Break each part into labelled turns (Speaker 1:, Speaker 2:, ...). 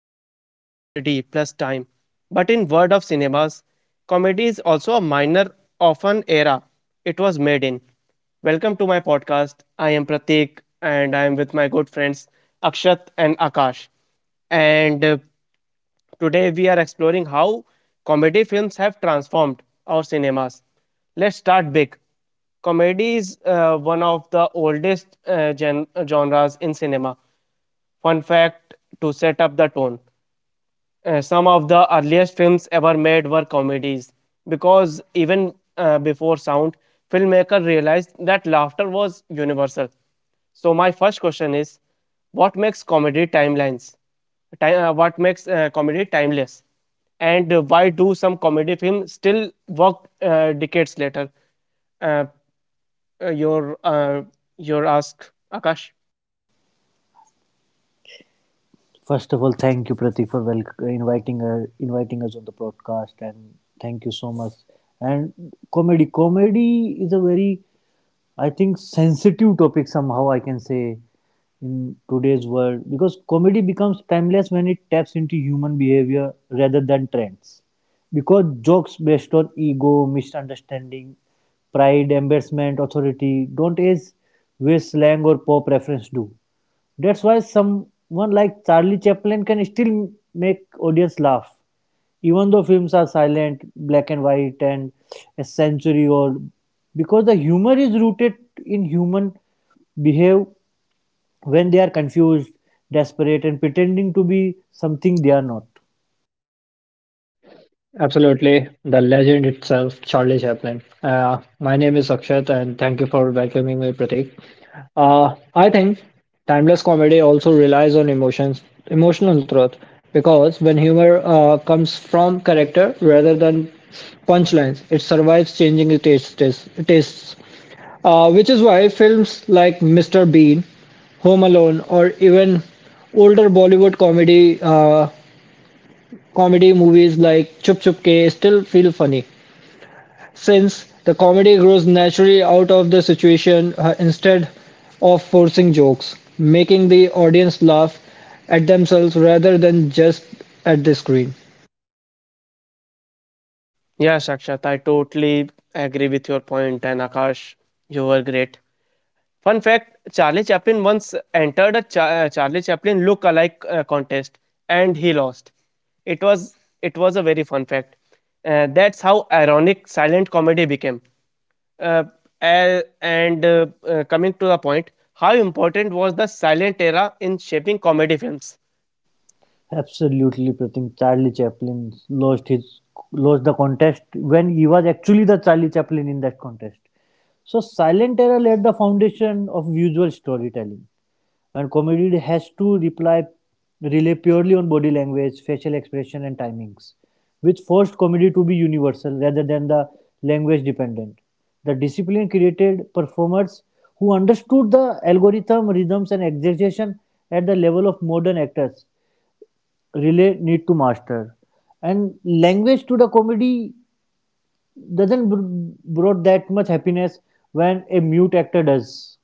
Speaker 1: comedy is tragedy plus time. But in world of cinemas, comedy is also a minor of an era it was made in. Welcome to my podcast. I am Pratik and I am with my good friends Akshat and Akash. And Today we are exploring how comedy films have transformed our cinemas. Let's start big. Comedy is one of the oldest genres in cinema. Fun fact to set up the tone, some of the earliest films ever made were comedies because even before sound, filmmakers realized that laughter was universal. So, my first question is what makes comedy timelines? What makes comedy timeless? And why do some comedy films still work decades later? Uh, uh, your, uh, your ask, Akash.
Speaker 2: First of all, thank you, Pratik, for inviting inviting us on the podcast, and thank you so much. And comedy is a very, I think, sensitive topic somehow. I can say in today's world because comedy becomes timeless when it taps into human behavior rather than trends. Because jokes based on ego, misunderstanding, pride, embarrassment, authority don't age where slang or pop reference do. That's why someone like Charlie Chaplin can still make audience laugh, even though films are silent, black and white, and a century old, because the humor is rooted in human behave when they are confused, desperate, and pretending to be something they are not.
Speaker 3: Absolutely, the legend itself, Charlie Chaplin. My name is Akshat, and thank you for welcoming me, Pratik. I think timeless comedy also relies on emotions, emotional truth, because when humor comes from character rather than punchlines, it survives changing tastes. Which is why films like Mr. Bean, Home Alone, or even older Bollywood comedy movies like Chup Chup Ke still feel funny since the comedy grows naturally out of the situation instead of forcing jokes, making the audience laugh at themselves rather than just at the screen.
Speaker 1: Yeah, Sakshat, I totally agree with your point, and Akash, you were great. Fun fact, Charlie Chaplin once entered a Charlie Chaplin look alike contest and he lost. It was it was a very fun fact. That's how ironic silent comedy became. Uh, a- and Coming to the point, how important was the silent era in shaping comedy films?
Speaker 2: Absolutely, Pratik. Charlie Chaplin lost the contest when he was actually the Charlie Chaplin in that contest. So silent era laid the foundation of visual storytelling. And comedy has to reply rely purely on body language, facial expression, and timings, which forced comedy to be universal rather than the language dependent. The discipline created performers who understood the algorithm, rhythms, and exaggeration at the level of modern actors really need to master. And language to the comedy doesn't brought that much happiness when a mute actor does.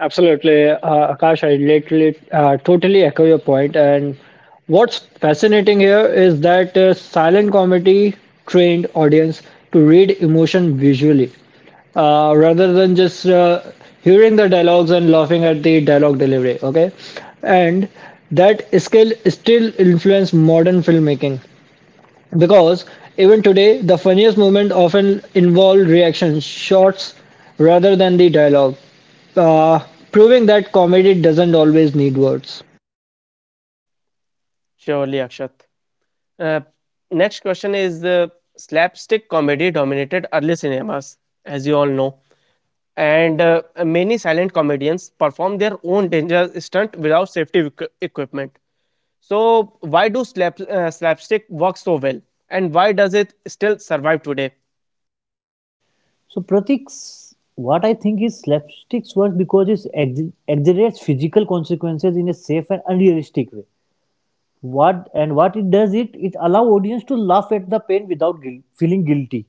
Speaker 3: Absolutely, Akash. I literally totally echo your point. And what's fascinating here is that silent comedy trained audience to read emotion visually, rather than just hearing the dialogues and laughing at the dialogue delivery. Okay, and that skill still influence modern filmmaking. Because, even today, the funniest moments often involve reaction shots rather than the dialogue, uh, proving that comedy doesn't always need words.
Speaker 1: Surely, Akshat. Uh, next question is the slapstick comedy dominated early cinemas, as you all know, and many silent comedians perform their own danger stunt without safety equipment. So, why do slapstick work so well, and why does it still survive today?
Speaker 2: So Pratik's what I think is slapsticks works because it exaggerates physical consequences in a safe and unrealistic way. What and what it does it allow audience to laugh at the pain without feeling guilty.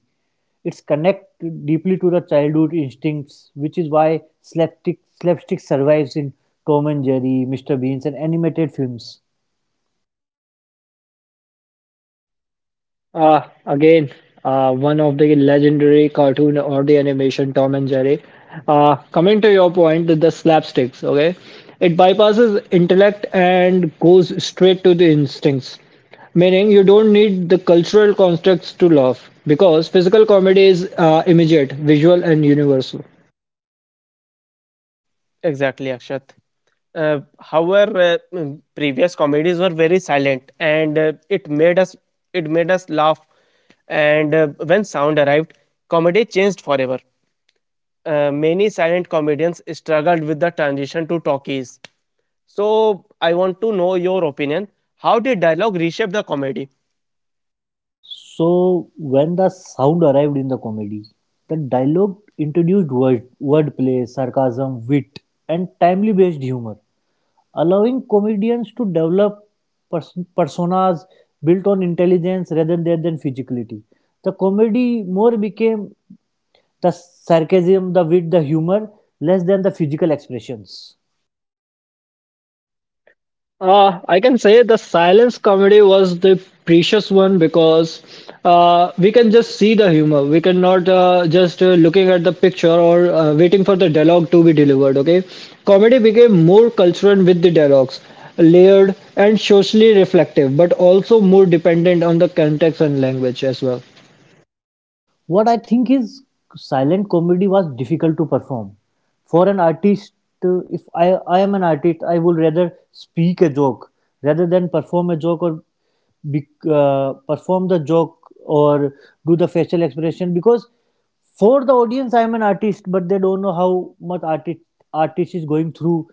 Speaker 2: It's connect deeply to the childhood instincts, which is why slapstick survives in Tom and Jerry, Mr. Beans, and animated films.
Speaker 3: Again, one of the legendary cartoon or the animation Tom and Jerry. Coming to your point, the slapsticks, okay? It bypasses intellect and goes straight to the instincts. Meaning, you don't need the cultural constructs to laugh because physical comedy is immediate, visual, and universal.
Speaker 1: Exactly, Akshat. However, previous comedies were very silent, and it made us laugh. And when sound arrived, comedy changed forever. Many silent comedians struggled with the transition to talkies. So I want to know your opinion. How did dialogue reshape the comedy?
Speaker 2: So when the sound arrived in the comedy, the dialogue introduced word, wordplay, sarcasm, wit, and timely-based humor, allowing comedians to develop personas built on intelligence rather than physicality. The comedy more became the sarcasm, the wit, the humor, less than the physical expressions.
Speaker 3: I can say the silence comedy was the precious one because we can just see the humor. We cannot just looking at the picture or waiting for the dialogue to be delivered. Okay, comedy became more cultural with the dialogues, layered and socially reflective, but also more dependent on the context and language as well.
Speaker 2: What I think is silent comedy was difficult to perform. For an artist, if I am an artist, I would rather speak a joke rather than perform a joke or perform the joke or do the facial expression because for the audience, I am an artist, but they don't know how much artist is going through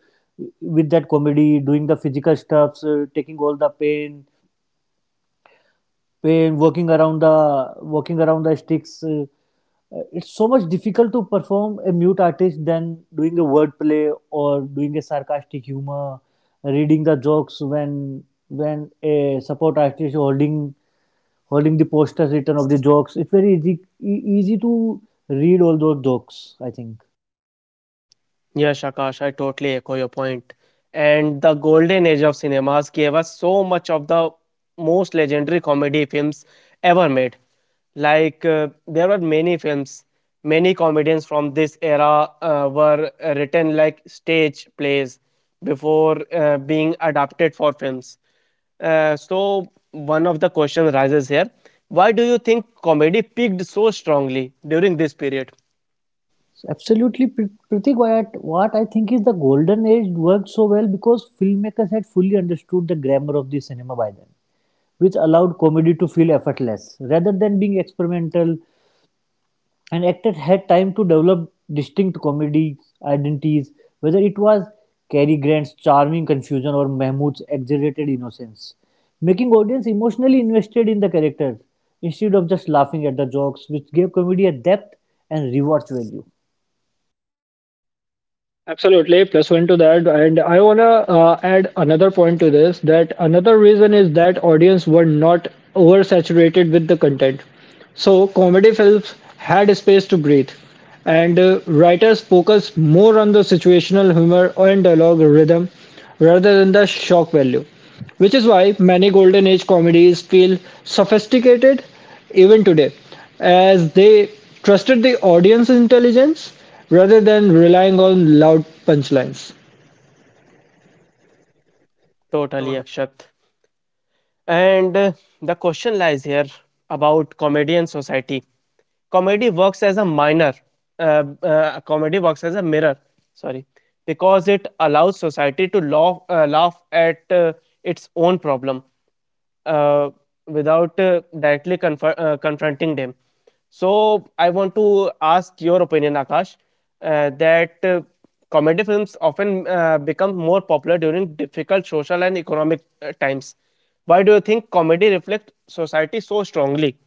Speaker 2: with that comedy, doing the physical stuffs, taking all the pain, pain working around the sticks it's so much difficult to perform a mute artist than doing a wordplay or doing a sarcastic humor reading the jokes when a support artist is holding holding the posters written of the jokes, it's very easy easy to read all those jokes, I think.
Speaker 1: Yes, Akash, I totally echo your point. And the golden age of cinemas gave us so much of the most legendary comedy films ever made. Like, there were many films, many comedians from this era were written like stage plays before being adapted for films. One of the questions rises here: why do you think comedy peaked so strongly during this period?
Speaker 2: So absolutely Pratik, why what I think is the golden age worked so well because filmmakers had fully understood the grammar of the cinema by then, which allowed comedy to feel effortless. Rather than being experimental, an actor had time to develop distinct comedy identities, whether it was Cary Grant's charming confusion or Mahmood's exaggerated innocence, making audience emotionally invested in the characters instead of just laughing at the jokes, which gave comedy a depth and rewatch value.
Speaker 3: Absolutely, plus one to that, and I wanna add another point to this. That another reason is that audience were not oversaturated with the content. So, comedy films had space to breathe, and writers focused more on the situational humor and dialogue rhythm rather than the shock value, which is why many Golden Age comedies feel sophisticated even today, as they trusted the audience intelligence rather than relying on loud punchlines.
Speaker 1: Totally, Akshat. And The question lies here about comedy and society. Comedy works as a minor, Comedy works as a mirror, sorry, because it allows society to laugh at its own problem uh, without directly confronting them. So I want to ask your opinion, Akash, that comedy films often become more popular during difficult social and economic times. Why do you think comedy reflects society so strongly?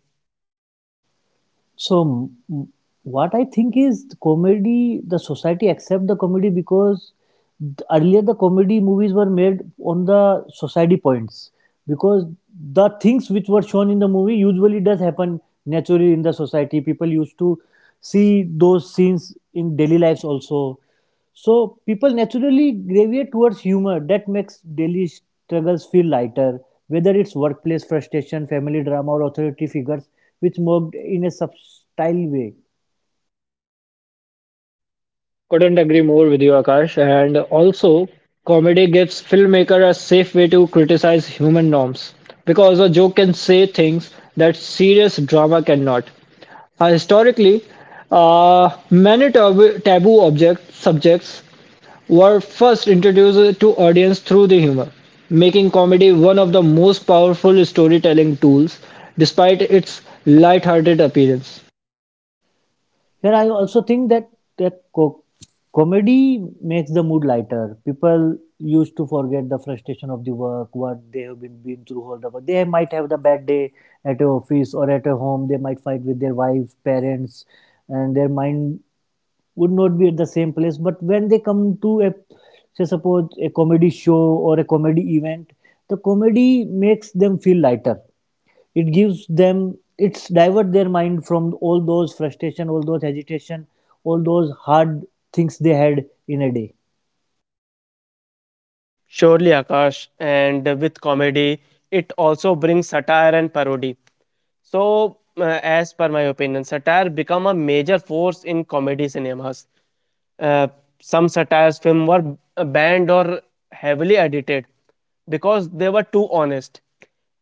Speaker 2: So, what I think is the comedy, the society accept the comedy because earlier the comedy movies were made on the society points because the things which were shown in the movie usually does happen naturally in the society. People used to see those scenes in daily lives also. So people naturally gravitate towards humor that makes daily struggles feel lighter, whether it's workplace frustration, family drama, or authority figures, which mocked in a subtle way.
Speaker 3: Couldn't agree more with you, Akash. And also, comedy gives filmmaker a safe way to criticize human norms because a joke can say things that serious drama cannot. Historically, many taboo subjects were first introduced to audience through the humor, making comedy one of the most powerful storytelling tools despite its light-hearted appearance.
Speaker 2: Here, I also think that comedy makes the mood lighter. People used to forget the frustration of the work, what they have been through all the work. They might have the bad day at a office or at a home. They might fight with their wife, parents, and their mind would not be at the same place, but when they come to a, say, suppose a comedy show or a comedy event, the comedy makes them feel lighter. It gives them, it's divert their mind from all those frustration, all those agitation, all those hard things they had in a day.
Speaker 1: Surely, Akash, and with comedy, it also brings satire and parody. So, as per my opinion, satire become a major force in comedy cinemas. Uh, some satires film were banned or heavily edited because they were too honest.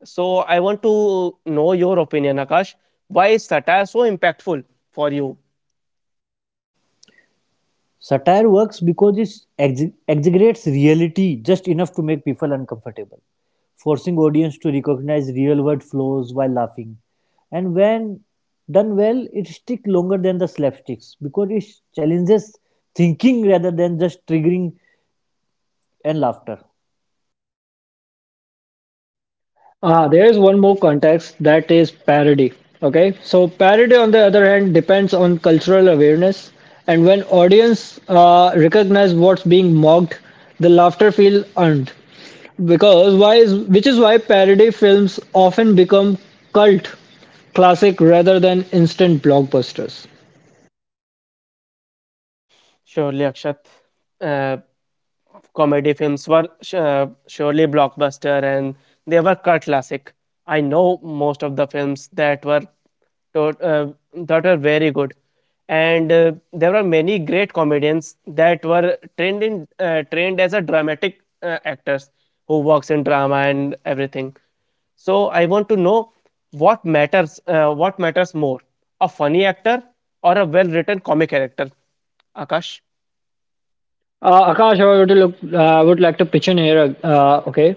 Speaker 1: So I want to know your opinion, Akash. Why is satire so impactful for you?
Speaker 2: Satire works because it exaggerates reality just enough to make people uncomfortable, forcing audience to recognize real world flaws while laughing. And when done well, it sticks longer than the slapsticks because it challenges thinking rather than just triggering and laughter.
Speaker 3: Ah, there's one more context that is parody. Okay, so parody on the other hand depends on cultural awareness, and when audience recognize what's being mocked, the laughter feel earned. Because why is which is why parody films often become cult classic rather than instant blockbusters.
Speaker 1: Surely, Akshat. Uh, comedy films were surely blockbuster and they were cult classic. I know most of the films that were tot- uh, that were very good, and there were many great comedians that were trained in trained as a dramatic actors who works in drama and everything. So I want to know what matters more, a funny actor or a well written comic character, Akash.
Speaker 3: Akash, I would like to pitch in here. Okay,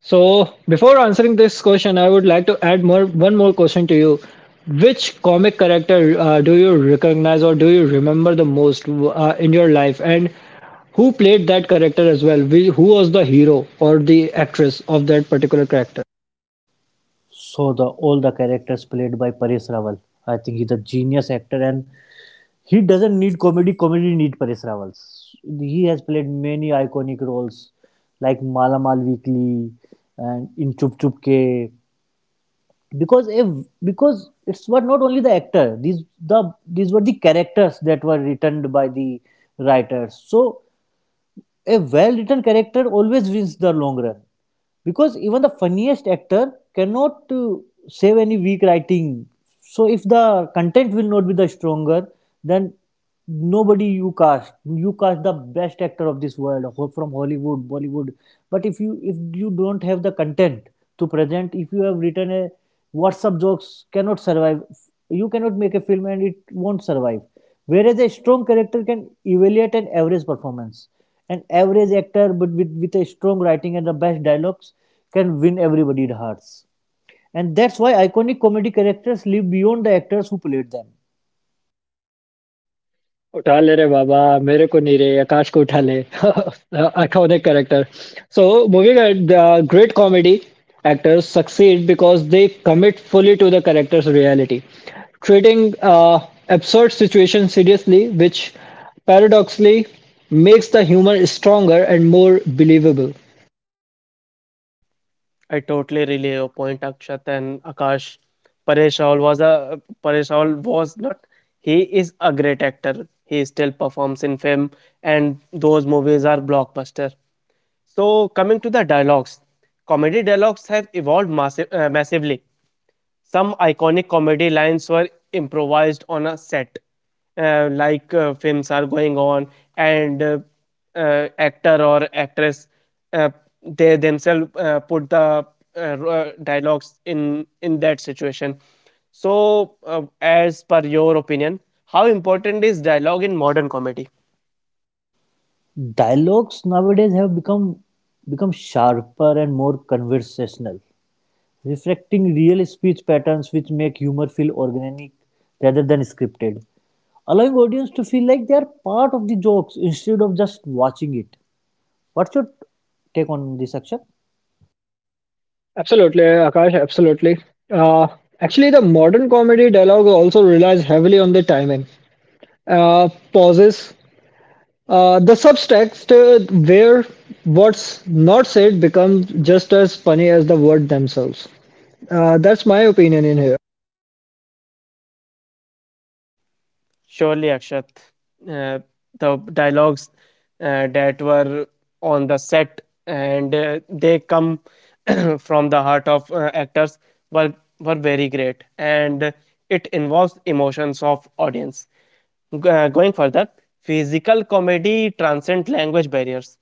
Speaker 3: so before answering this question, I would like to add more one more question to you. Which comic character do you recognize or do you remember the most in your life, and who played that character as well? Who was the hero or the actress of that particular character?
Speaker 2: So the all the characters played by Paresh Rawal, I think he's a genius actor, and he doesn't need comedy, comedy need Paresh Rawal. He has played many iconic roles like Mala Mal Weekly and in Chup Chup Ke. Because if, because it's what not only the actor, these were the characters that were written by the writers. So a well written character always wins the long run because even the funniest actor cannot save any weak writing, so if the content will not be the stronger, then nobody, you cast the best actor of this world from Hollywood, Bollywood, but if you don't have the content to present, if you have written a WhatsApp jokes cannot survive, you cannot make a film and it won't survive, whereas a strong character can evaluate an average performance, an average actor, but with a strong writing and the best dialogues, can win everybody's hearts. And that's why iconic comedy characters live beyond the actors who played them.
Speaker 3: उठा ले रे बाबा मेरे को नहीं रे आकाश को उठा ले iconic character. So, moving at the great comedy actors succeed because they commit fully to the character's reality, treating uh, absurd situations seriously, which paradoxically makes the humor stronger and more believable.
Speaker 1: I totally relay your point, Akshat and Akash. Paresh Raul was a Paresh Raul was not. He is a great actor. He still performs in film, and those movies are blockbuster. So coming to the dialogues, comedy dialogues have evolved massively. Some iconic comedy lines were improvised on a set, like films are going on, and actor or actress, uh, they themselves put the dialogues in that situation. So, as per your opinion, how important is dialogue in modern comedy?
Speaker 2: Dialogues nowadays have become sharper and more conversational, reflecting real speech patterns which make humor feel organic rather than scripted, allowing audience to feel like they are part of the jokes instead of just watching it. What's your take on this action?
Speaker 3: Absolutely, Akash, absolutely. Uh, Actually, the modern comedy dialogue also relies heavily on the timing. Pauses, the subtext, where what's not said becomes just as funny as the word themselves. That's my opinion in here.
Speaker 1: Surely, Akshat. Uh, the dialogues that were on the set and they come from the heart of actors were, were very great and it involves emotions of audience. Going further, physical comedy transcends language barriers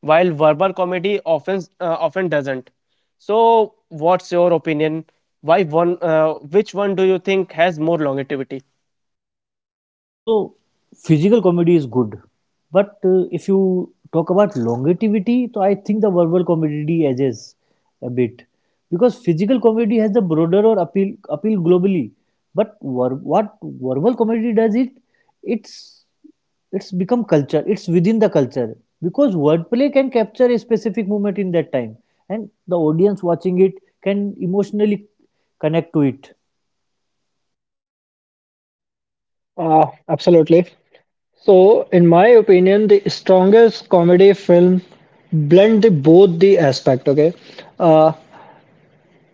Speaker 1: while verbal comedy often doesn't. So, what's your opinion? Why one? Which one do you think has more longevity?
Speaker 2: So, physical comedy is good, but if you talk about longevity, so I think the verbal comedy edges a bit because physical comedy has the broader or appeal globally, but what verbal comedy does it? It's it's become culture. It's within the culture because wordplay can capture a specific moment in that time, and the audience watching it can emotionally connect to it.
Speaker 3: Absolutely. So, in my opinion, the strongest comedy film blend both the aspect. Okay, uh,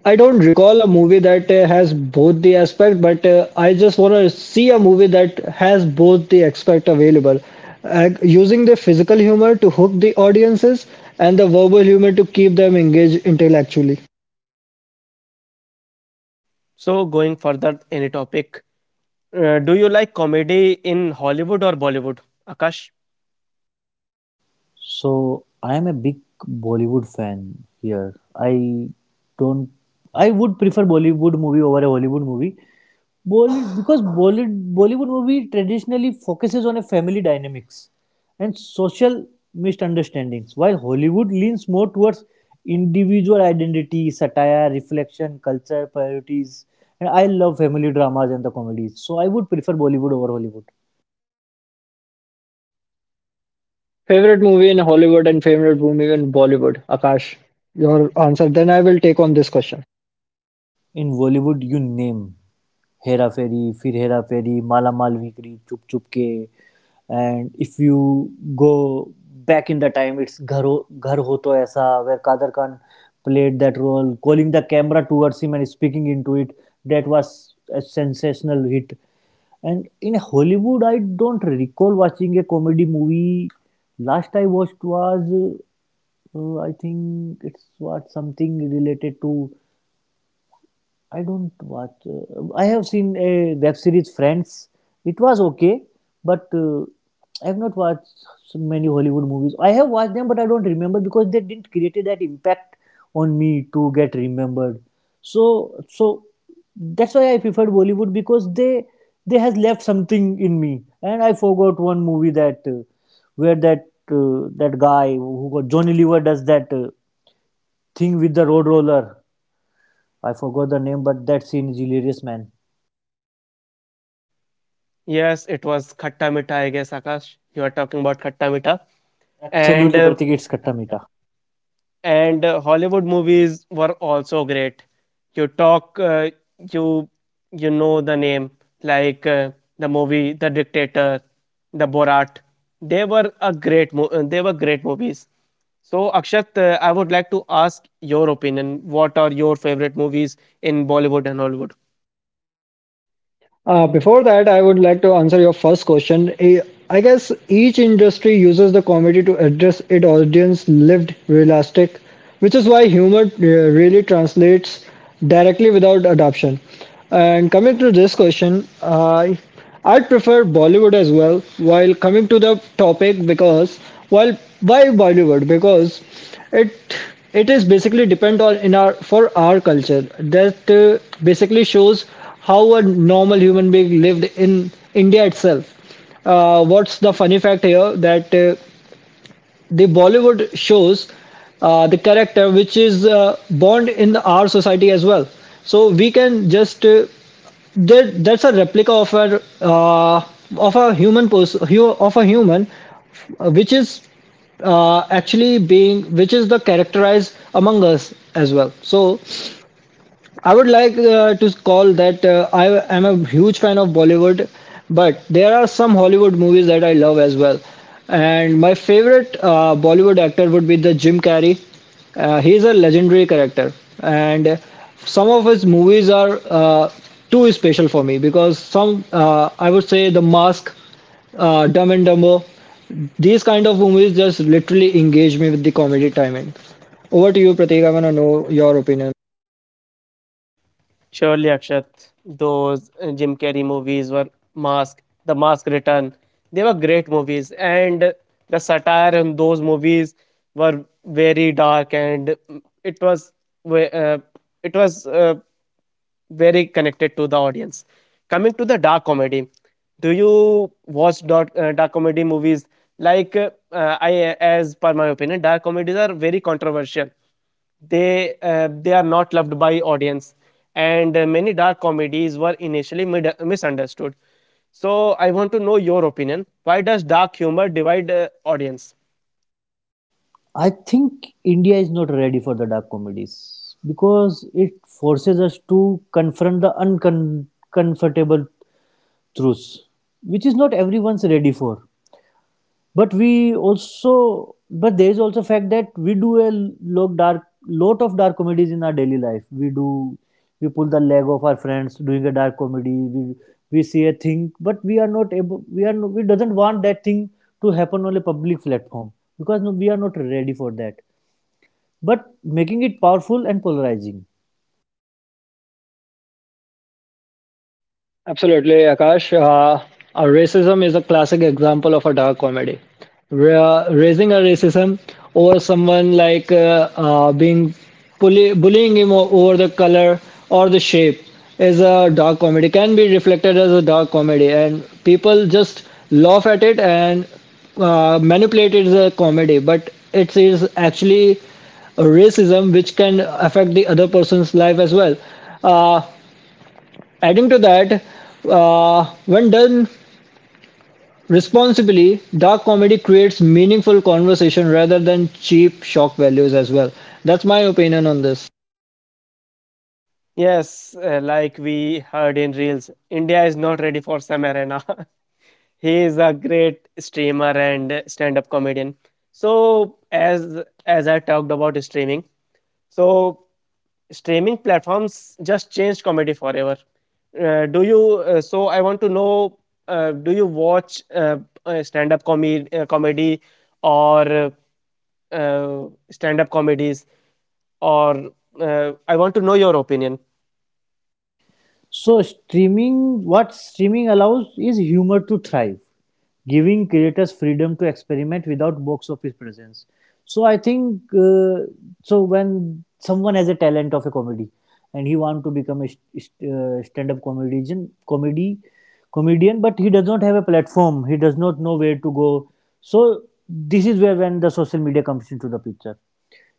Speaker 3: I don't recall a movie that has both the aspect, but I just want to see a movie that has both the aspect available. Using the physical humor to hook the audiences and the verbal humor to keep them engaged intellectually.
Speaker 1: So, going further any topic, do you like comedy in Hollywood or Bollywood? Akash?
Speaker 2: So I am a big Bollywood fan here. I don't. I would prefer Bollywood movie over a Hollywood movie. Bollywood because Bollywood movie traditionally focuses on a family dynamics and social misunderstandings, while Hollywood leans more towards individual identity, satire, reflection, culture, priorities. And I love family dramas and the comedies. So I would prefer Bollywood over Hollywood.
Speaker 3: Favorite movie in Hollywood and favorite movie in Bollywood? Akash, your answer. Then I will take on this question.
Speaker 2: In Bollywood, you name. Hera Pheri Phir Hera Pheri Malamaal weekly Chup Chup Ke and if you go back in the time, it's घर हो तो ऐसा where Kader Khan played that role calling the camera towards him and speaking into it. That was a sensational hit. And in Hollywood I don't recall watching a comedy movie. Last I watched was I think it's what something related to, I don't watch. I have seen a web series Friends. It was okay, but I have not watched so many Hollywood movies. I have watched them, but I don't remember because they didn't create that impact on me to get remembered. So, so that's why I preferred Bollywood because they has left something in me, and I forgot one movie that where that guy who got Johnny Lever does that thing with the road roller. I forgot the name, but that scene is hilarious, man.
Speaker 1: Yes, it was Khatta mita. I guess, Akash. You are talking about Khatta Meetha. And I
Speaker 2: Absolutely,
Speaker 1: think
Speaker 2: Pratik,
Speaker 1: it's
Speaker 2: it's
Speaker 1: Khatta
Speaker 2: Katta
Speaker 1: Mita.
Speaker 2: Meta.
Speaker 1: And Hollywood movies were also great. You talk, uh, you you know the name like the movie The Dictator, the Borat. They were a they were great movies. So Akshat, I would like to ask your opinion. What are your favorite movies in Bollywood and Hollywood?
Speaker 3: Before that, I would like to answer your first question. I guess each industry uses the comedy to address its audience lived realistic, which is why humor really translates directly without adoption. And coming to this question, I'd prefer Bollywood as well. While coming to the topic, because while why Bollywood? Because it it is basically depend on in our for our culture that basically shows how a normal human being lived in India itself. What's the funny fact here that the Bollywood shows the character which is born in our society as well. So we can just there, that's a replica of a human person of a human, which is actually being which is the characterized among us as well. So I would like to call that I am a huge fan of Bollywood, but there are some Hollywood movies that I love as well. And my favorite Bollywood actor would be the Jim Carrey. He is a legendary character, and some of his movies are too special for me because some I would say The Mask, Dumb and Dumber. These kind of movies just literally engage me with the comedy timing. Over to you, Pratik. I want to know your opinion.
Speaker 1: Surely, Akshat, those Jim Carrey movies were Mask, The Mask Return. They were great movies, and the satire in those movies were very dark, and it was ve- uh, it was very connected to the audience. Coming to the dark comedy, do you watch dark comedy movies? Like I, as per my opinion, dark comedies are very controversial. They they are not loved by audience and many dark comedies were initially misunderstood. So I want to know your opinion, why does dark humor divide audience?
Speaker 2: I think India is not ready for the dark comedies because it forces us to confront the uncomfortable truths, which is not everyone's ready for. But we also, but there is also fact that we do a lot dark lot of dark comedies in our daily life. We do, we pull the leg of our friends doing a dark comedy. We see a thing, but we are not able, we are we doesn't want that thing to happen on a public platform because no, we are not ready for that, but making it powerful and polarizing.
Speaker 3: Absolutely, Akash. Racism is a classic example of a dark comedy. Raising a racism over someone like being bullying him over the color or the shape is a dark comedy. Can be reflected as a dark comedy, and people just laugh at it and manipulate it as a comedy. But it is actually a racism which can affect the other person's life as well. Uh, Adding to that, when done responsibly, dark comedy creates meaningful conversation rather than cheap shock values as well. That's my opinion on this.
Speaker 1: Yes, like we heard in reels, India is not ready for Sam Arena he is a great streamer and stand up comedian. So as I talked about streaming, so streaming platforms just changed comedy forever. Do you? So I want to know. Do you watch stand-up comedy, or uh, uh, stand-up comedies? Or I want to know your opinion,
Speaker 2: So streaming, what streaming allows is humor to thrive, giving creators freedom to experiment without box office presence. So I think so when someone has a talent of a comedy and he want to become a stand-up comedian, but he does not have a platform. He does not know where to go. So this is where when the social media comes into the picture.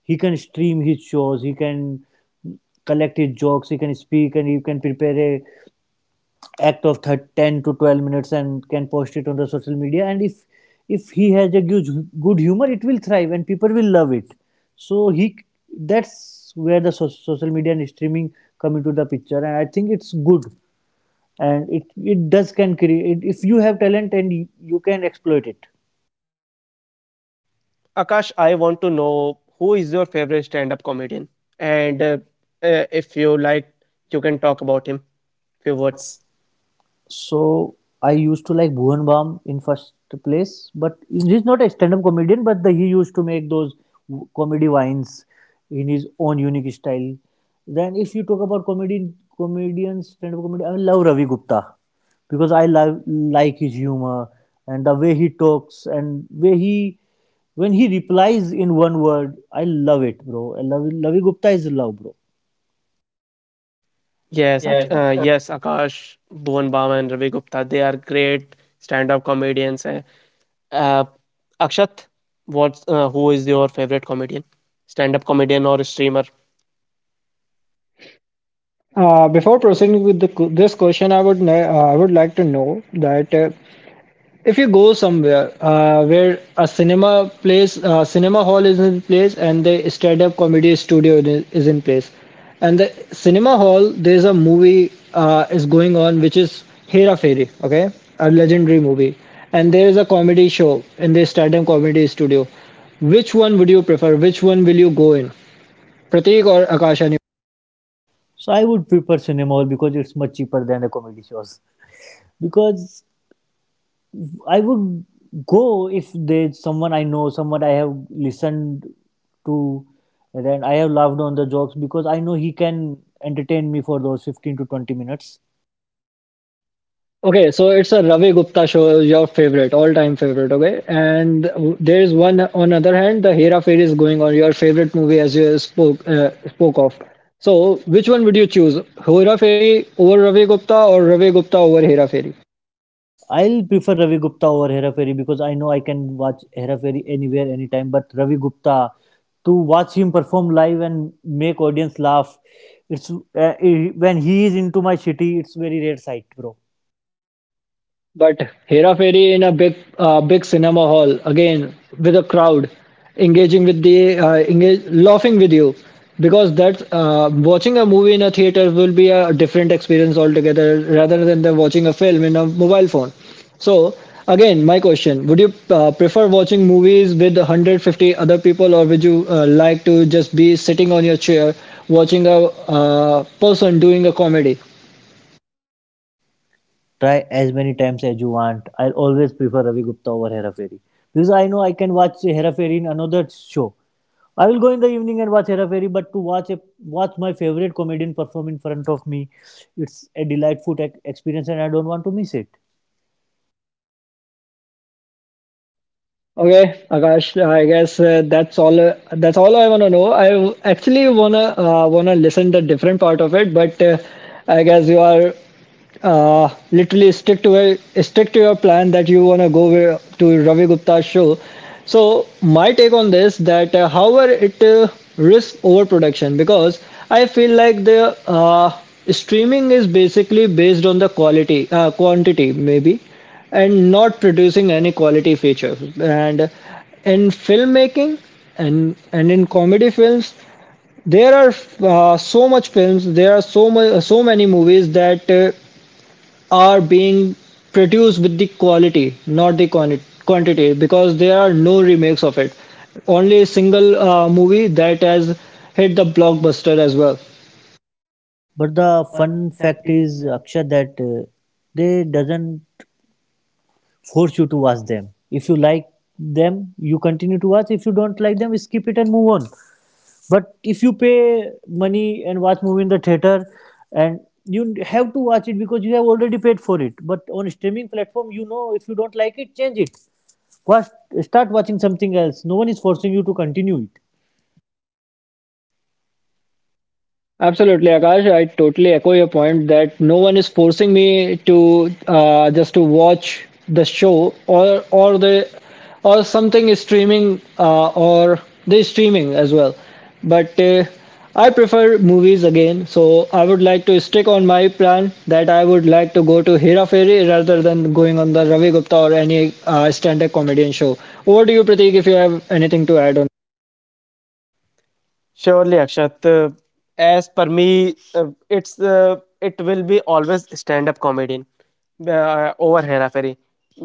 Speaker 2: He can stream his shows. He can collect his jokes. He can speak and he can prepare a act of 10 to 12 minutes and can post it on the social media, and if he has a good humor, it will thrive and people will love it. So he, that's where the social media and streaming come into the picture, and I think it's good, and it does can create, if you have talent and you can exploit it.
Speaker 1: Akash. I want to know who is your favorite stand-up comedian, and if you like, you can talk about him. Few words.
Speaker 2: So I used to like Bhuvan in first place, but he's not a stand-up comedian. But the, he used to make those comedy vines in his own unique style. Then, if you talk about comedy comedians, stand-up comedy, I love Ravi Gupta because I love like his humor and the way he talks and way he when he replies in one word. I love it, bro. I love Ravi Gupta is love, bro.
Speaker 3: Yes.
Speaker 1: Yes, Akash, Bhuvan Bam, and Ravi Gupta. They are great stand-up comedians. Eh. Uh, Akshat, what's who is your favorite comedian, stand-up comedian or streamer?
Speaker 3: Before proceeding with this question, I would like to know that if you go somewhere where a cinema hall is in place and the stand up comedy studio is in place, and the cinema hall there's a movie is going on, which is Hera Fairy, okay, a legendary movie, and there is a comedy show in the stand up comedy studio, which one would you prefer, which one will you go in, Pratik or Akasha?
Speaker 2: So I would prefer cinema hall because it's much cheaper than the comedy shows. Because I would go if there's someone I know, someone I have listened to, and then I have laughed on the jokes because I know he can entertain me for those 15 to 20 minutes.
Speaker 3: Okay, so it's a Ravi Gupta show, your favorite, all-time favorite. Okay, and there is one on other hand, the Hera Fairy is going on, your favorite movie as you spoke spoke of. So, which one would you choose, Hera Fairy over Ravi Gupta or Ravi Gupta over Hera Fairy?
Speaker 2: I'll prefer Ravi Gupta over Hera Fairy because I know I can watch Hera Fairy anywhere, anytime. But Ravi Gupta, to watch him perform live and make audience laugh, it's when he is into my city, it's very rare sight, bro.
Speaker 3: But Hera Fairy in a big cinema hall again with a crowd, engaging with the laughing with you, because that's watching a movie in a theater will be a different experience altogether rather than the watching a film in a mobile phone. So again, my question: would you prefer watching movies with 150 other people, or would you like to just be sitting on your chair watching a person doing a comedy?
Speaker 2: Try as many times as you want. I'll always prefer Ravi Gupta over Hera Fairy because I know I can watch Hera Fairy in another show. I will go in the evening and watch Hera Fairy, but watch my favorite comedian perform in front of me, it's a delightful tech experience, and I don't want to miss it.
Speaker 3: Okay, Akash, I guess that's all. That's all I wanna know. I actually wanna listen to different part of it, but I guess you are literally stick to it, stick to your plan that you want to go to Ravi Gupta's show. So my take on this that however it risks overproduction because I feel like the streaming is basically based on the quality quantity maybe, and not producing any quality feature, and in filmmaking and in comedy films there are so much films, there are so many movies that are being produced with the quality, not the quantity, because there are no remakes of it. Only a single movie that has hit the blockbuster as well.
Speaker 2: But the fun fact is, Akshat, that they doesn't force you to watch them. If you like them, you continue to watch. If you don't like them, skip it and move on. But if you pay money and watch movie in the theater, and you have to watch it because you have already paid for it. But on streaming platform, you know if you don't like it, change it. Watch, start watching something else. No one is forcing you to continue it.
Speaker 3: Absolutely, Akash. I totally echo your point that no one is forcing me to just to watch the show or the or something is streaming or the streaming as well. But I prefer movies again, so I would like to stick on my plan that I would like to go to Hera Fairy rather than going on the Ravi Gupta or any stand-up comedian show. Over to you, Pratik, if you have anything to add on.
Speaker 1: Surely, Akshat. As per me, it's it will be always stand-up comedian over Hera Ferry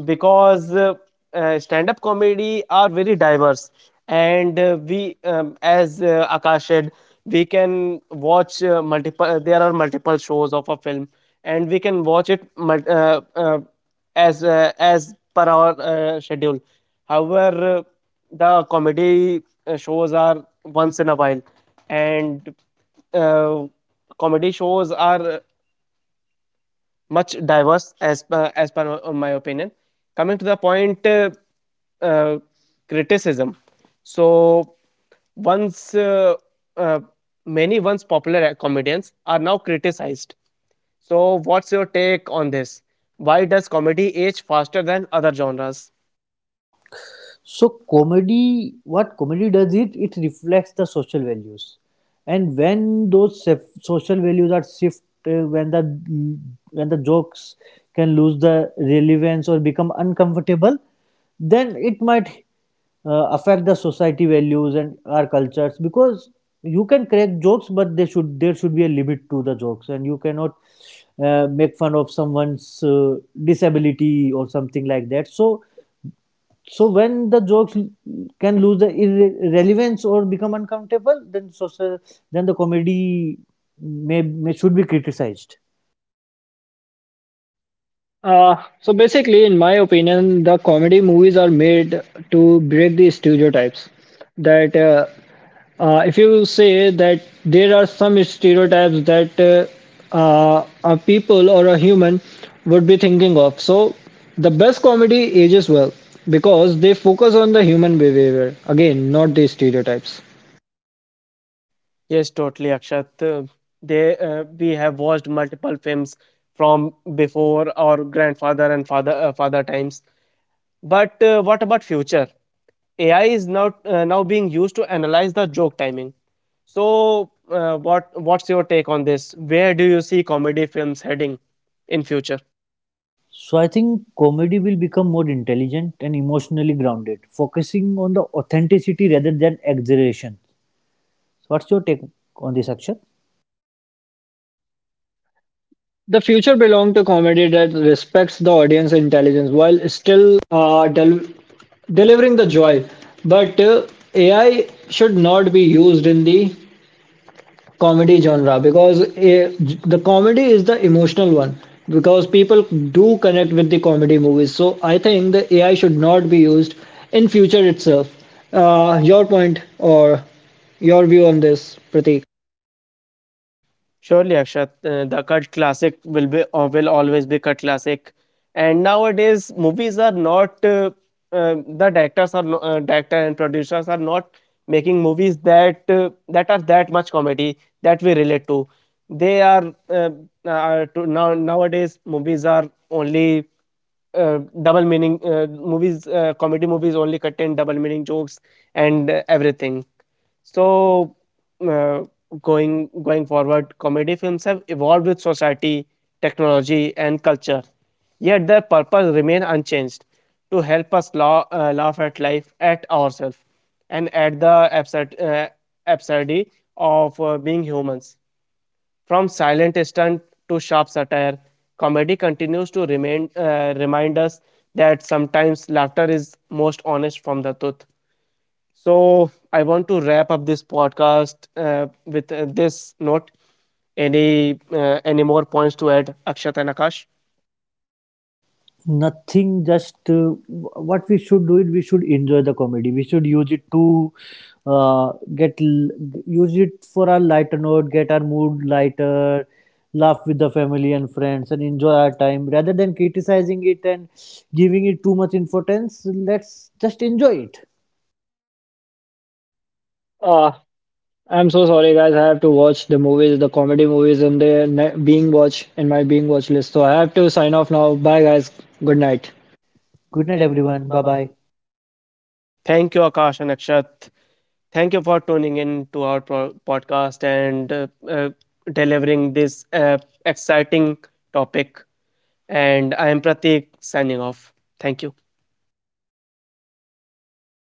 Speaker 1: because stand-up comedy are very diverse, and we, as Akash said, we can watch multiple. There are multiple shows of a film, and we can watch it as per our schedule. However, the comedy shows are once in a while, and uh, comedy shows are much diverse as per my opinion. Coming to the point, uh, criticism. So once uh, many once popular comedians are now criticized. So, what's your take on this? Why does comedy age faster than other genres?
Speaker 2: So comedy, what comedy does it? It reflects the social values, and when those social values are shift, when the jokes can lose the relevance or become uncomfortable, then it might affect the society values and our cultures because you can crack jokes, but they should there should be a limit to the jokes, and you cannot make fun of someone's disability or something like that. So so when the jokes can lose the relevance or become uncomfortable, then social, then the comedy may should be criticized.
Speaker 3: Uh, so basically, in my opinion, the comedy movies are made to break the stereotypes. That if you say that there are some stereotypes that a people or a human would be thinking of, so the best comedy ages well because they focus on the human behavior again, not the stereotypes.
Speaker 1: Yes, totally, Akshat. They we have watched multiple films from before our grandfather and father father times. But what about future? AI is now now being used to analyze the joke timing. So, what what's your take on this? Where do you see comedy films heading in future?
Speaker 2: So I think comedy will become more intelligent and emotionally grounded, focusing on the authenticity rather than exaggeration. So what's your take on this, Akshay?
Speaker 3: The future belonged to comedy that respects the audience intelligence while still delivering the joy. But AI should not be used in the comedy genre because the comedy is the emotional one because people do connect with the comedy movies. So I think the AI should not be used in future itself. Your point or your view on this, Pratik?
Speaker 1: Surely, Akshat, the cult classic will be or will always be cult classic. And nowadays, movies are not the directors are no, director and producers are not making movies that that are that much comedy that we relate to. They are, now nowadays movies are only double meaning movies. Comedy movies only contain double meaning jokes and everything. So. Uh, Going going forward, comedy films have evolved with society, technology, and culture. Yet their purpose remain unchanged: to help us laugh at life, at ourselves, and at the absurdity of being humans. From silent stunt to sharp satire, comedy continues to remain remind us that sometimes laughter is most honest from the tooth. So I want to wrap up this podcast with this note. Any more points to add, Akshat and Akash?
Speaker 2: Nothing, just what we should do it, we should enjoy the comedy. We should use it to uh, get l- use it for our lighter note, get our mood lighter, laugh with the family and friends and enjoy our time rather than criticizing it and giving it too much importance. Let's just enjoy it.
Speaker 3: Uh, I'm so sorry, guys. I have to watch the movies, the comedy movies, and the being watch in my being watch list. So I have to sign off now. Bye, guys. Good night.
Speaker 2: Good night, everyone. Bye bye.
Speaker 1: Thank you, Akash and Akshat. Thank you for tuning in to our podcast and delivering this exciting topic. And I am Pratik signing off. Thank you.